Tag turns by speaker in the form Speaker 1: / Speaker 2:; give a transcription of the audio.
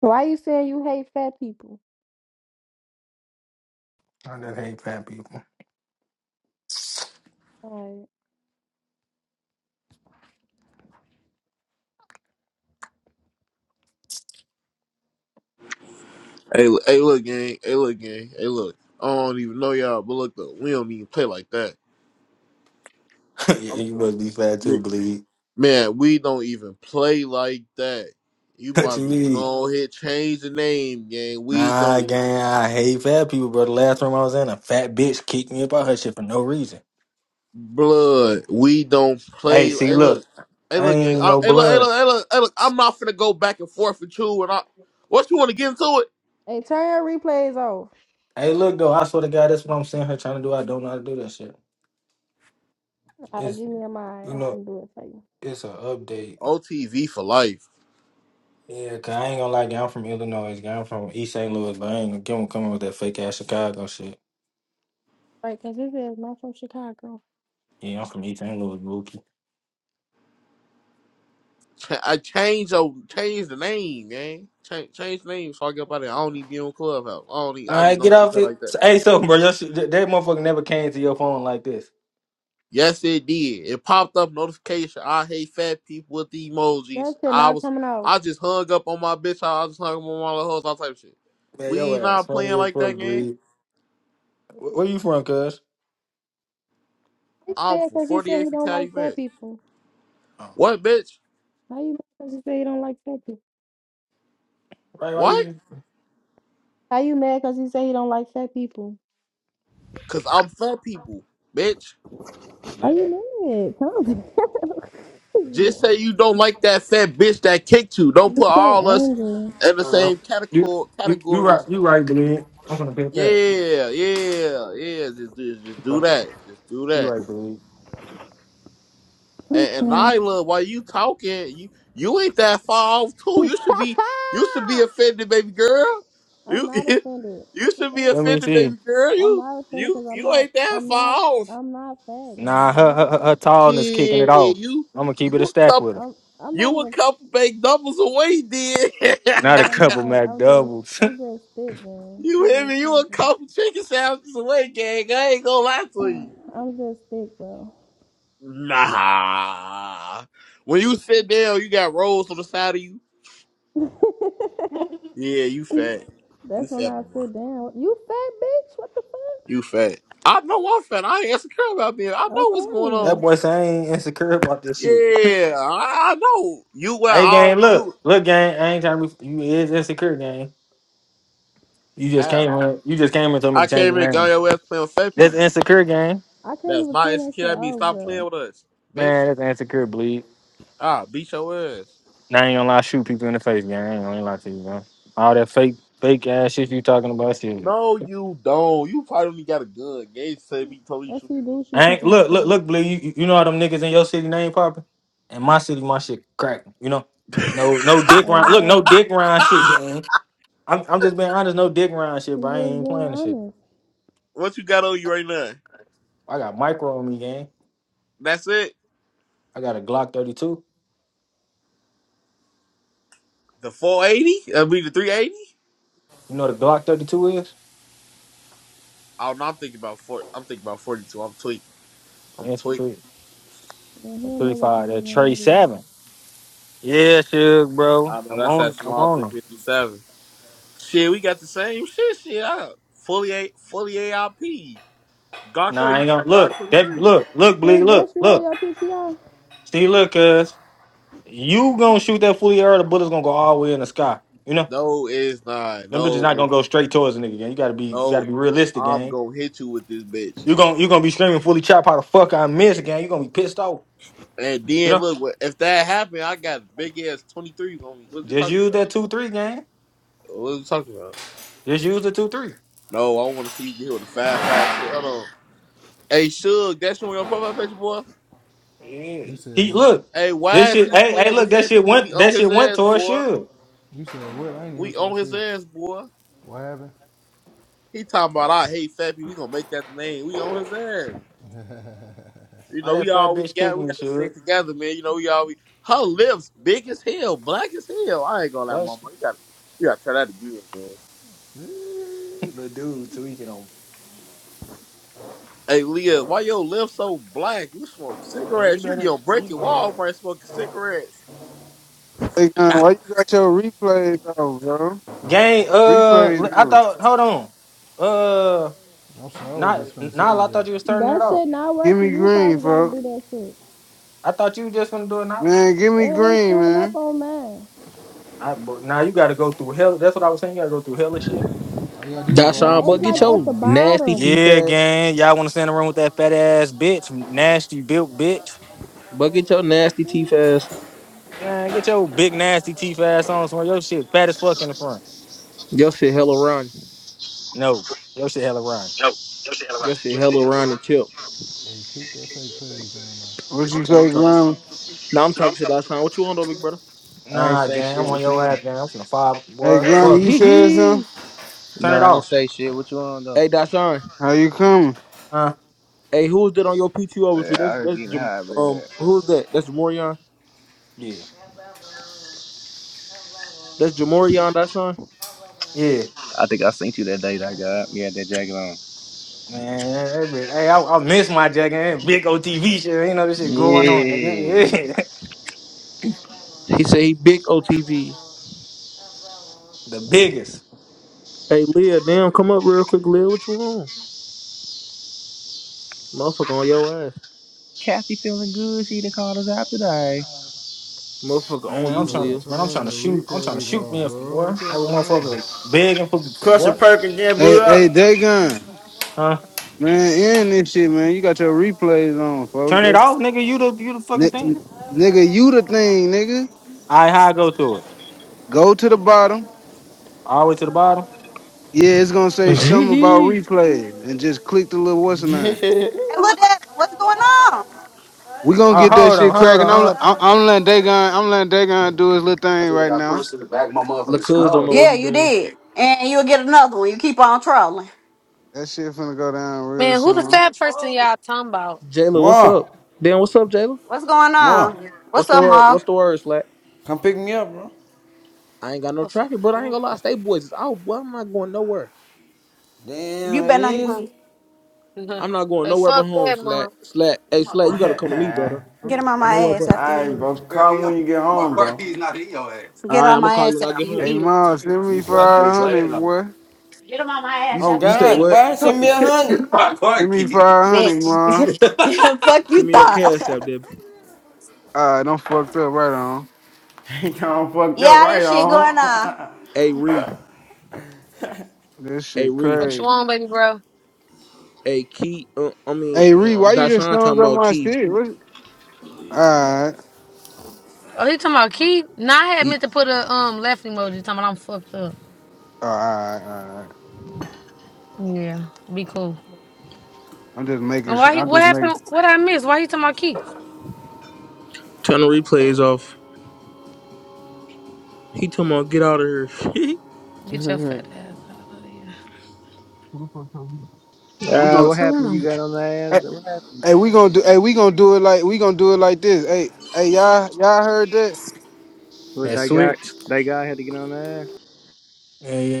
Speaker 1: Why you saying you hate fat people?
Speaker 2: I just hate fat people.
Speaker 1: Alright.
Speaker 3: Hey, l- hey, look, gang. Hey, look, gang. Hey, look. I don't even know y'all, but look, though, we don't even play like that.
Speaker 2: yeah,
Speaker 3: I'm just
Speaker 2: you
Speaker 3: gonna-
Speaker 2: must be fat
Speaker 3: man,
Speaker 2: too, bleed.
Speaker 3: man, we don't even play like that. You
Speaker 2: What
Speaker 3: might
Speaker 2: you
Speaker 3: as well
Speaker 2: mean?
Speaker 3: go ahead, change the name, gang. We don't
Speaker 2: Nah,
Speaker 3: even
Speaker 2: gang, I hate fat people, bro. The last room I was in, a fat bitch kicked me up out her shit for no reason.
Speaker 3: blood. We don't play.
Speaker 2: Hey, see,
Speaker 3: Hey, look.
Speaker 2: look,
Speaker 3: Hey,
Speaker 2: I
Speaker 3: look, gang.
Speaker 2: ain't
Speaker 3: I,
Speaker 2: no
Speaker 3: hey, look. Hey,
Speaker 2: blood.
Speaker 3: look. Hey, look. Hey, look. I'm not finna go back and forth with you. And I, what you want to get into it?
Speaker 1: Hey, turn your replays off.
Speaker 2: Hey, look though, I swear to God, that's what I'm seeing her trying to do. I don't know how to do that shit.
Speaker 1: Alright,
Speaker 2: It's
Speaker 1: give me a mind.
Speaker 2: you
Speaker 1: I'm
Speaker 2: know,
Speaker 1: do it for you.
Speaker 2: it's an update.
Speaker 3: OTV for life.
Speaker 2: Yeah, cause I ain't gonna lie, gang, I'm from Illinois, gang, I'm from East St. Louis, but I ain't gonna give 'em coming with that fake ass Chicago shit.
Speaker 1: Right, cause this is not from Chicago.
Speaker 2: Yeah, I'm from East St. Louis, Mookie.
Speaker 3: I changed oh, change the name, man. Change change the name so I get up out of there. I don't even be on Clubhouse. I don't even,
Speaker 2: All
Speaker 3: I just
Speaker 2: right, get
Speaker 3: don't do
Speaker 2: off
Speaker 3: it
Speaker 2: it.
Speaker 3: like that.
Speaker 2: So- Hey, so bro, your sh- that that motherfucker never came to your phone like this.
Speaker 3: Yes, it did. It popped up notification. I hate fat people with the
Speaker 1: That
Speaker 3: emojis.
Speaker 1: shit
Speaker 3: I
Speaker 1: not
Speaker 3: was
Speaker 1: coming off.
Speaker 3: I just hung up on my bitch. I just hung up on my little hoes, all type of shit.
Speaker 2: Man,
Speaker 3: We
Speaker 2: your ass
Speaker 3: not
Speaker 2: funny
Speaker 3: playing
Speaker 2: as
Speaker 3: like
Speaker 2: fuck,
Speaker 3: that game.
Speaker 2: bleed. Where, where you from, cuz?
Speaker 1: How you
Speaker 3: I'm
Speaker 1: mad
Speaker 3: for
Speaker 1: cause he said
Speaker 3: 48
Speaker 1: he
Speaker 3: for
Speaker 1: don't
Speaker 3: Cali
Speaker 1: like
Speaker 3: back.
Speaker 1: fat people?
Speaker 2: Oh,
Speaker 3: What bitch?
Speaker 1: How you mad cause he said he don't like fat people?
Speaker 2: right, why
Speaker 3: What?
Speaker 2: you?
Speaker 1: How you mad cause he said he don't like fat people?
Speaker 3: Cause I'm fat people, bitch.
Speaker 1: Why you
Speaker 2: Damn.
Speaker 1: mad? Calm
Speaker 3: Just
Speaker 1: down.
Speaker 3: say you don't like that fat bitch that kicked you. Don't
Speaker 1: I'm
Speaker 3: put
Speaker 1: so
Speaker 3: all us
Speaker 1: angry.
Speaker 3: in the
Speaker 2: Uh,
Speaker 3: same
Speaker 2: you,
Speaker 3: category.
Speaker 2: you, you
Speaker 3: Category or
Speaker 2: right,
Speaker 3: something.
Speaker 2: you right, bleed. I'm gonna pick that.
Speaker 3: Yeah, yeah, yeah. Just, just, just
Speaker 2: You
Speaker 3: do
Speaker 2: right,
Speaker 3: that. Just do
Speaker 2: you
Speaker 3: that.
Speaker 2: right, bleed.
Speaker 1: I'm
Speaker 3: And, and
Speaker 1: cool.
Speaker 3: Nyla, while you talking, you you ain't that far off too. You should be you should be offended, baby girl.
Speaker 1: I'm
Speaker 3: You
Speaker 1: not offended. What
Speaker 3: you
Speaker 1: the
Speaker 3: should be
Speaker 1: fuck?
Speaker 2: Let me
Speaker 3: offended,
Speaker 2: see.
Speaker 3: baby girl.
Speaker 1: I'm
Speaker 3: You
Speaker 1: not offended
Speaker 3: you
Speaker 1: because I'm
Speaker 3: you
Speaker 1: not.
Speaker 3: ain't that
Speaker 1: I'm not.
Speaker 3: far off.
Speaker 1: I'm not fat, gang.
Speaker 2: Nah, her,
Speaker 1: Like, what
Speaker 2: her,
Speaker 1: the
Speaker 2: her her
Speaker 1: fuck?
Speaker 2: tallness kicking it
Speaker 3: Shit,
Speaker 2: off.
Speaker 3: you
Speaker 2: I'm gonna keep it a
Speaker 3: you a
Speaker 2: stack with
Speaker 3: couple
Speaker 2: her.
Speaker 1: I'm. I'm not
Speaker 3: you a
Speaker 1: even.
Speaker 3: couple big doubles away, did.
Speaker 2: Not a
Speaker 1: No, I'm
Speaker 2: couple
Speaker 1: not.
Speaker 2: Mac
Speaker 1: I'm just.
Speaker 2: doubles.
Speaker 1: I'm just thick, gang.
Speaker 3: You hear
Speaker 1: He
Speaker 3: me?
Speaker 1: just
Speaker 3: You a
Speaker 1: talking.
Speaker 3: couple chicken sandwiches away, gang. I ain't gonna lie to you.
Speaker 1: I'm just thick, bro.
Speaker 3: Nah. When you sit down, you got rolls on the side of you. Yeah, you fat. You
Speaker 1: That's when
Speaker 3: fat,
Speaker 1: I
Speaker 3: mama.
Speaker 1: sit down. You fat bitch. What the fuck?
Speaker 3: You fat. I know I'm fat. I ain't insecure about being. I know what's going
Speaker 2: that
Speaker 1: Okay.
Speaker 3: on.
Speaker 2: boy say I ain't insecure about this shit.
Speaker 3: Yeah, I, I know. You were
Speaker 2: Hey,
Speaker 3: all
Speaker 2: gang, look,
Speaker 3: you.
Speaker 2: look, gang. I ain't trying to be. You is insecure, gang. You just came
Speaker 3: How?
Speaker 2: in, you just came and told me
Speaker 3: I
Speaker 2: to change
Speaker 3: came
Speaker 2: your
Speaker 3: in, got
Speaker 2: name.
Speaker 3: your ass playing with fat
Speaker 2: That's
Speaker 3: people.
Speaker 2: insecure gang.
Speaker 1: I can't
Speaker 3: That's
Speaker 1: even
Speaker 3: not
Speaker 1: turn that
Speaker 3: insecure.
Speaker 1: shit
Speaker 3: That means
Speaker 1: off,
Speaker 3: stop playing
Speaker 1: bro.
Speaker 3: with us, bitch.
Speaker 2: Man, that's insecure bleed.
Speaker 3: Ah, beat your ass.
Speaker 2: Now I ain't gonna lie, shoot people in the face, gang. I ain't gonna lie to you, man. All that fake, fake ass shit you talking about, shit.
Speaker 3: No, you don't. You probably only got a gun. Gage said me told you
Speaker 1: Yes,
Speaker 3: shoot
Speaker 1: he
Speaker 3: people in
Speaker 1: do
Speaker 3: the
Speaker 1: shoot
Speaker 3: face.
Speaker 2: I ain't
Speaker 1: people in the
Speaker 2: look, look,
Speaker 1: face.
Speaker 2: look, bleed. You, you you know how them niggas in your city name popping? In my city, my shit cracking. You know, no, no dick
Speaker 1: Oh,
Speaker 2: round. Look, no
Speaker 1: bro.
Speaker 2: dick round shit,
Speaker 3: Ah!
Speaker 2: gang. I'm, I'm just being honest, no dick round shit,
Speaker 1: He
Speaker 2: but I
Speaker 1: just being
Speaker 2: ain't playing the shit.
Speaker 1: honest.
Speaker 3: What you got on you right now?
Speaker 2: I got micro on me, gang.
Speaker 3: That's it.
Speaker 2: I got a Glock 32.
Speaker 3: The 480? I be the 380?
Speaker 2: You know what a Glock 32 is?
Speaker 3: Oh no, I'm thinking about four. I'm thinking about 42. I'm tweaking. I'm
Speaker 2: Yes, three,
Speaker 3: tweaking.
Speaker 1: And he
Speaker 2: a
Speaker 1: don't know what type
Speaker 2: 35,
Speaker 1: of
Speaker 2: that
Speaker 1: one
Speaker 2: Trey
Speaker 1: that is.
Speaker 2: 7. Yeah, Suge, bro.
Speaker 3: I know
Speaker 2: I'm
Speaker 3: that's
Speaker 2: on.
Speaker 3: that
Speaker 2: I'm
Speaker 3: small
Speaker 2: on him.
Speaker 3: 357. Shit, we got the same shit. Shit, I got fully a fully AIP. Glock
Speaker 2: Nah, I
Speaker 3: 30,
Speaker 2: ain't gonna
Speaker 3: Glock
Speaker 2: look. That
Speaker 3: 23.
Speaker 2: look, look, bleed,
Speaker 1: Look, that's
Speaker 2: look,
Speaker 1: you on
Speaker 2: look.
Speaker 1: your PTI.
Speaker 2: See, look, cuz you gonna shoot that fully arrow, the bullet's gonna go all the way in the sky. You know,
Speaker 3: No, it's not.
Speaker 2: them bitches
Speaker 3: No,
Speaker 2: not gonna
Speaker 3: it's
Speaker 2: go straight towards the nigga. Gang, you gotta be, you gotta
Speaker 3: no.
Speaker 2: be realistic,
Speaker 3: I'm
Speaker 2: gang.
Speaker 3: gonna hit you with this bitch.
Speaker 2: You gonna, you gonna be screaming fully chop how the fuck I miss, gang. You gonna be pissed off.
Speaker 3: And
Speaker 2: You
Speaker 3: then
Speaker 2: know,
Speaker 3: look, what- if that happened, I got big ass twenty three on me. What you
Speaker 2: just
Speaker 3: talking
Speaker 2: use
Speaker 3: about?
Speaker 2: that two three, gang.
Speaker 3: What you talking about?
Speaker 2: Just use the two three.
Speaker 3: No, I want to see you get with a five five six. Hold on. Hey, Suge, that's on your profile picture, boy.
Speaker 2: Yeah. He look.
Speaker 3: Hey,
Speaker 2: This
Speaker 3: why is
Speaker 2: shit.
Speaker 3: he
Speaker 2: Hey, hey,
Speaker 3: playing
Speaker 2: look.
Speaker 3: with
Speaker 2: That
Speaker 3: fat
Speaker 2: shit
Speaker 3: people? We
Speaker 2: went.
Speaker 3: on
Speaker 2: That
Speaker 3: his
Speaker 2: shit went
Speaker 3: ass,
Speaker 2: towards
Speaker 3: boy.
Speaker 2: Suge.
Speaker 4: You said what? I ain't hear
Speaker 3: We
Speaker 4: what y'all
Speaker 3: on his
Speaker 4: said.
Speaker 3: ass, boy.
Speaker 4: What happened?
Speaker 3: He talking about I hate fat people. We gonna make that the name. We on his ass. You
Speaker 2: Why
Speaker 3: know, we
Speaker 2: that fat
Speaker 3: all we
Speaker 2: bitch kicked
Speaker 3: got. We
Speaker 2: me,
Speaker 3: gotta
Speaker 2: Suge?
Speaker 3: stick together, man. You know, we all we. Her lips big as hell, black as hell. I ain't gonna lie,
Speaker 2: What?
Speaker 3: mama. You gotta, you gotta try that again, man.
Speaker 2: Little dude tweaking on.
Speaker 3: Hey Leah, why your lips so black? You smoke
Speaker 2: Man, you
Speaker 3: cigarettes. You be
Speaker 2: better
Speaker 3: on
Speaker 2: you-
Speaker 3: breaking wall, Walmart smoking cigarettes.
Speaker 5: Hey, man, why you got your replays on, bro?
Speaker 2: gang. Uh, li-
Speaker 5: Replays
Speaker 2: I
Speaker 5: on.
Speaker 2: thought. Hold on. Uh,
Speaker 4: I'm sorry, I was just
Speaker 2: not
Speaker 4: finna tell
Speaker 2: Nile.
Speaker 4: you
Speaker 2: I thought
Speaker 4: that.
Speaker 2: you was turning it
Speaker 1: That
Speaker 2: off.
Speaker 1: shit not
Speaker 5: Give me
Speaker 1: working. You
Speaker 5: green,
Speaker 1: probably gotta do
Speaker 5: folks.
Speaker 1: that shit.
Speaker 2: I thought you were just gonna do it now.
Speaker 5: Man, give
Speaker 1: It
Speaker 5: me
Speaker 1: ain't
Speaker 5: green,
Speaker 1: showing up
Speaker 5: man.
Speaker 1: on mine.
Speaker 2: I, but now you got to go through hell. That's what I was saying. You got to go through hell of shit.
Speaker 4: All you gotta do is go all the way
Speaker 6: Dashawn,
Speaker 1: Nah,
Speaker 4: to
Speaker 1: it's
Speaker 6: but
Speaker 4: the
Speaker 1: like
Speaker 6: get
Speaker 4: bottom,
Speaker 1: at the
Speaker 6: your
Speaker 4: bro.
Speaker 6: nasty
Speaker 1: bottom.
Speaker 6: teeth
Speaker 2: Yeah,
Speaker 6: ass.
Speaker 2: gang. Y'all want to stand around with that fat ass bitch, nasty built bitch?
Speaker 6: But get your nasty teeth ass.
Speaker 2: Man, get your big nasty teeth ass on somewhere. Your shit fat as fuck in the front.
Speaker 6: Your shit hella run.
Speaker 2: No, your shit hella rhyme.
Speaker 6: Your shit hella run and chip.
Speaker 4: Hey, kick that fake page down there.
Speaker 5: What you
Speaker 6: Now I'm
Speaker 5: say,
Speaker 6: talking shit.
Speaker 5: Grandma?
Speaker 6: Now I'm talking shit, Dashawn. What you on though, big brother?
Speaker 7: I ain't
Speaker 2: Nah,
Speaker 7: say
Speaker 2: gang. I'm
Speaker 7: shit.
Speaker 2: on
Speaker 7: What you
Speaker 2: your
Speaker 7: on?
Speaker 2: ass, gang. I'm finna five.
Speaker 5: Hey,
Speaker 2: Boy,
Speaker 5: Grandma,
Speaker 2: fuck.
Speaker 5: you said
Speaker 6: hey,
Speaker 5: something?
Speaker 2: Turn it
Speaker 7: Nah, I ain't
Speaker 2: off.
Speaker 7: say shit. What you on though?
Speaker 6: Dashawn.
Speaker 5: How you coming?
Speaker 2: Huh?
Speaker 6: Hey, who's that on your PTO with you?
Speaker 7: Man,
Speaker 6: That's
Speaker 7: I was
Speaker 6: that's
Speaker 7: getting
Speaker 6: Jam-
Speaker 7: high,
Speaker 6: um
Speaker 7: man.
Speaker 6: who's that? That's Jamorion.
Speaker 2: Yeah.
Speaker 6: That's Jamorion Dashawn.
Speaker 2: Yeah.
Speaker 7: I think I seen you that day that I got up. You had that jacket on.
Speaker 2: Man, that bitch, hey, I, I miss my jacket. That Big old TV shit. You know this shit going on,
Speaker 7: Yeah.
Speaker 2: nigga. Yeah.
Speaker 6: He said he big OTV.
Speaker 2: the biggest.
Speaker 6: Hey Leah, damn, come up real quick, Leah. What you on? Motherfucker on your ass.
Speaker 7: Kathy feeling good. She done called us out today.
Speaker 6: Motherfucker on
Speaker 2: Man, I'm
Speaker 6: you,
Speaker 4: Bro,
Speaker 2: trying to
Speaker 6: Leah.
Speaker 2: man, I'm trying
Speaker 4: turn
Speaker 2: to
Speaker 4: the
Speaker 2: shoot. I'm trying to
Speaker 4: replays
Speaker 2: shoot me
Speaker 4: off,
Speaker 2: if
Speaker 4: bro.
Speaker 2: boy.
Speaker 4: What
Speaker 2: That one
Speaker 4: y'all
Speaker 2: motherfucker
Speaker 4: on?
Speaker 2: big and fucking for
Speaker 8: Crush a
Speaker 2: boy.
Speaker 8: perk again, blew
Speaker 5: Hey, hey,
Speaker 8: up.
Speaker 5: Dagon.
Speaker 2: Huh?
Speaker 5: Man, end this shit, man. You got your replays on, folks.
Speaker 2: Turn it
Speaker 5: That's,
Speaker 2: off, nigga. You the you the fucking thing.
Speaker 5: ni- nigga, you the thing, nigga.
Speaker 2: Alright, how I go to it?
Speaker 5: Go to the bottom.
Speaker 2: All the way to the bottom.
Speaker 5: Yeah, it's gonna say something about replays, and just click the little what's the name.
Speaker 9: Hey, look at what's going on.
Speaker 5: We gonna
Speaker 2: Oh,
Speaker 5: get that
Speaker 2: hold
Speaker 5: shit
Speaker 2: on, hold
Speaker 5: cracking.
Speaker 2: on,
Speaker 5: I'm
Speaker 2: hold on.
Speaker 5: I'm, I'm letting Dagon I'm letting Dagon do his little thing right
Speaker 9: got
Speaker 5: now.
Speaker 6: Lacuz don't know what
Speaker 9: Yeah,
Speaker 6: he
Speaker 9: you
Speaker 6: doing.
Speaker 9: did, and you'll get another one. You keep on trolling.
Speaker 5: That shit finna go down real
Speaker 10: Man, who the
Speaker 5: soon.
Speaker 10: fat person y'all talking about?
Speaker 6: Jayla, what's
Speaker 8: Ma,
Speaker 6: up? Dan, what's up, Jayla?
Speaker 9: What's going
Speaker 8: Ma,
Speaker 9: on? What's
Speaker 6: What's the
Speaker 9: up,
Speaker 6: word?
Speaker 9: Mom?
Speaker 6: What's the word, Slack?
Speaker 8: come pick me up, bro.
Speaker 6: I ain't got no
Speaker 10: What the
Speaker 6: traffic, but I ain't gonna lie. Stay boys is out. Boy, I'm not going nowhere.
Speaker 8: Damn,
Speaker 9: You
Speaker 8: it
Speaker 9: better not hit
Speaker 8: is.
Speaker 9: me.
Speaker 10: fuck?
Speaker 6: I'm not going
Speaker 10: They
Speaker 6: nowhere but
Speaker 10: fuck
Speaker 6: home,
Speaker 10: that
Speaker 6: Slack.
Speaker 10: mom.
Speaker 6: Slack. Hey, Slack, you gotta come to me, brother. I'm
Speaker 9: Get him
Speaker 6: not
Speaker 9: on
Speaker 6: going
Speaker 9: my
Speaker 6: nowhere
Speaker 9: ass
Speaker 6: but
Speaker 9: after you
Speaker 6: home.
Speaker 8: Alright,
Speaker 9: eat.
Speaker 8: bro. Call me when you get home, bro.
Speaker 6: All
Speaker 9: Get
Speaker 6: right,
Speaker 9: on
Speaker 6: I'm gonna
Speaker 9: my
Speaker 6: call you
Speaker 9: ass
Speaker 6: when I
Speaker 9: after
Speaker 6: get
Speaker 9: you.
Speaker 6: home.
Speaker 5: Hey, Ma, send me 500, boy.
Speaker 9: Get him on my
Speaker 6: You
Speaker 9: ass
Speaker 8: Oh
Speaker 6: you
Speaker 9: after you
Speaker 6: say
Speaker 9: eat,
Speaker 8: God,
Speaker 6: what?
Speaker 8: boy, send me a hundred.
Speaker 5: Send me 500, Ma.
Speaker 9: bitch. Fuck
Speaker 6: Send
Speaker 9: you
Speaker 6: me your cash out
Speaker 9: thought.
Speaker 6: there.
Speaker 5: Alright, don't fucked up right on.
Speaker 8: Ain't all fucked up
Speaker 9: yeah,
Speaker 8: right
Speaker 9: this shit going
Speaker 8: on.
Speaker 9: on.
Speaker 6: Hey, Ree.
Speaker 5: This
Speaker 6: Hey,
Speaker 5: shit
Speaker 6: Ree.
Speaker 10: What you
Speaker 5: crazy.
Speaker 10: want, baby bro?
Speaker 6: Hey, Key. Uh, I mean,
Speaker 5: Hey, Ree, why
Speaker 6: um,
Speaker 5: you just
Speaker 6: Dashawn
Speaker 5: thumbs
Speaker 6: talking
Speaker 5: up
Speaker 6: about
Speaker 5: my
Speaker 6: Key.
Speaker 5: shit? What? Alright.
Speaker 10: Oh, he talking about Keith? Nah, I had
Speaker 6: He,
Speaker 10: meant to put a um left emoji talking about I'm fucked up.
Speaker 5: Oh, alright, alright.
Speaker 10: Yeah, be cool.
Speaker 5: I'm just making
Speaker 10: And
Speaker 5: shit.
Speaker 10: why he,
Speaker 5: I'm
Speaker 10: what
Speaker 5: just making.
Speaker 10: happened? What I missed? Why he talking about Keith?
Speaker 6: turn the replays off. He talking about get out of here.
Speaker 10: Get your fat ass out of here. Who the fuck told you? Oh,
Speaker 5: We
Speaker 10: what
Speaker 7: Uh,
Speaker 10: you
Speaker 5: gon'
Speaker 7: what
Speaker 10: talking
Speaker 7: happened?
Speaker 10: about?
Speaker 7: You got on the
Speaker 5: Hey,
Speaker 7: ass? What happened?
Speaker 5: hey, we gonna do. Hey, we gonna do it like. We gonna do it like this. Hey, hey, y'all, y'all heard that?
Speaker 7: What,
Speaker 2: That
Speaker 7: that guy,
Speaker 2: switch.
Speaker 7: that guy had to get on the ass?
Speaker 2: Yeah, yeah.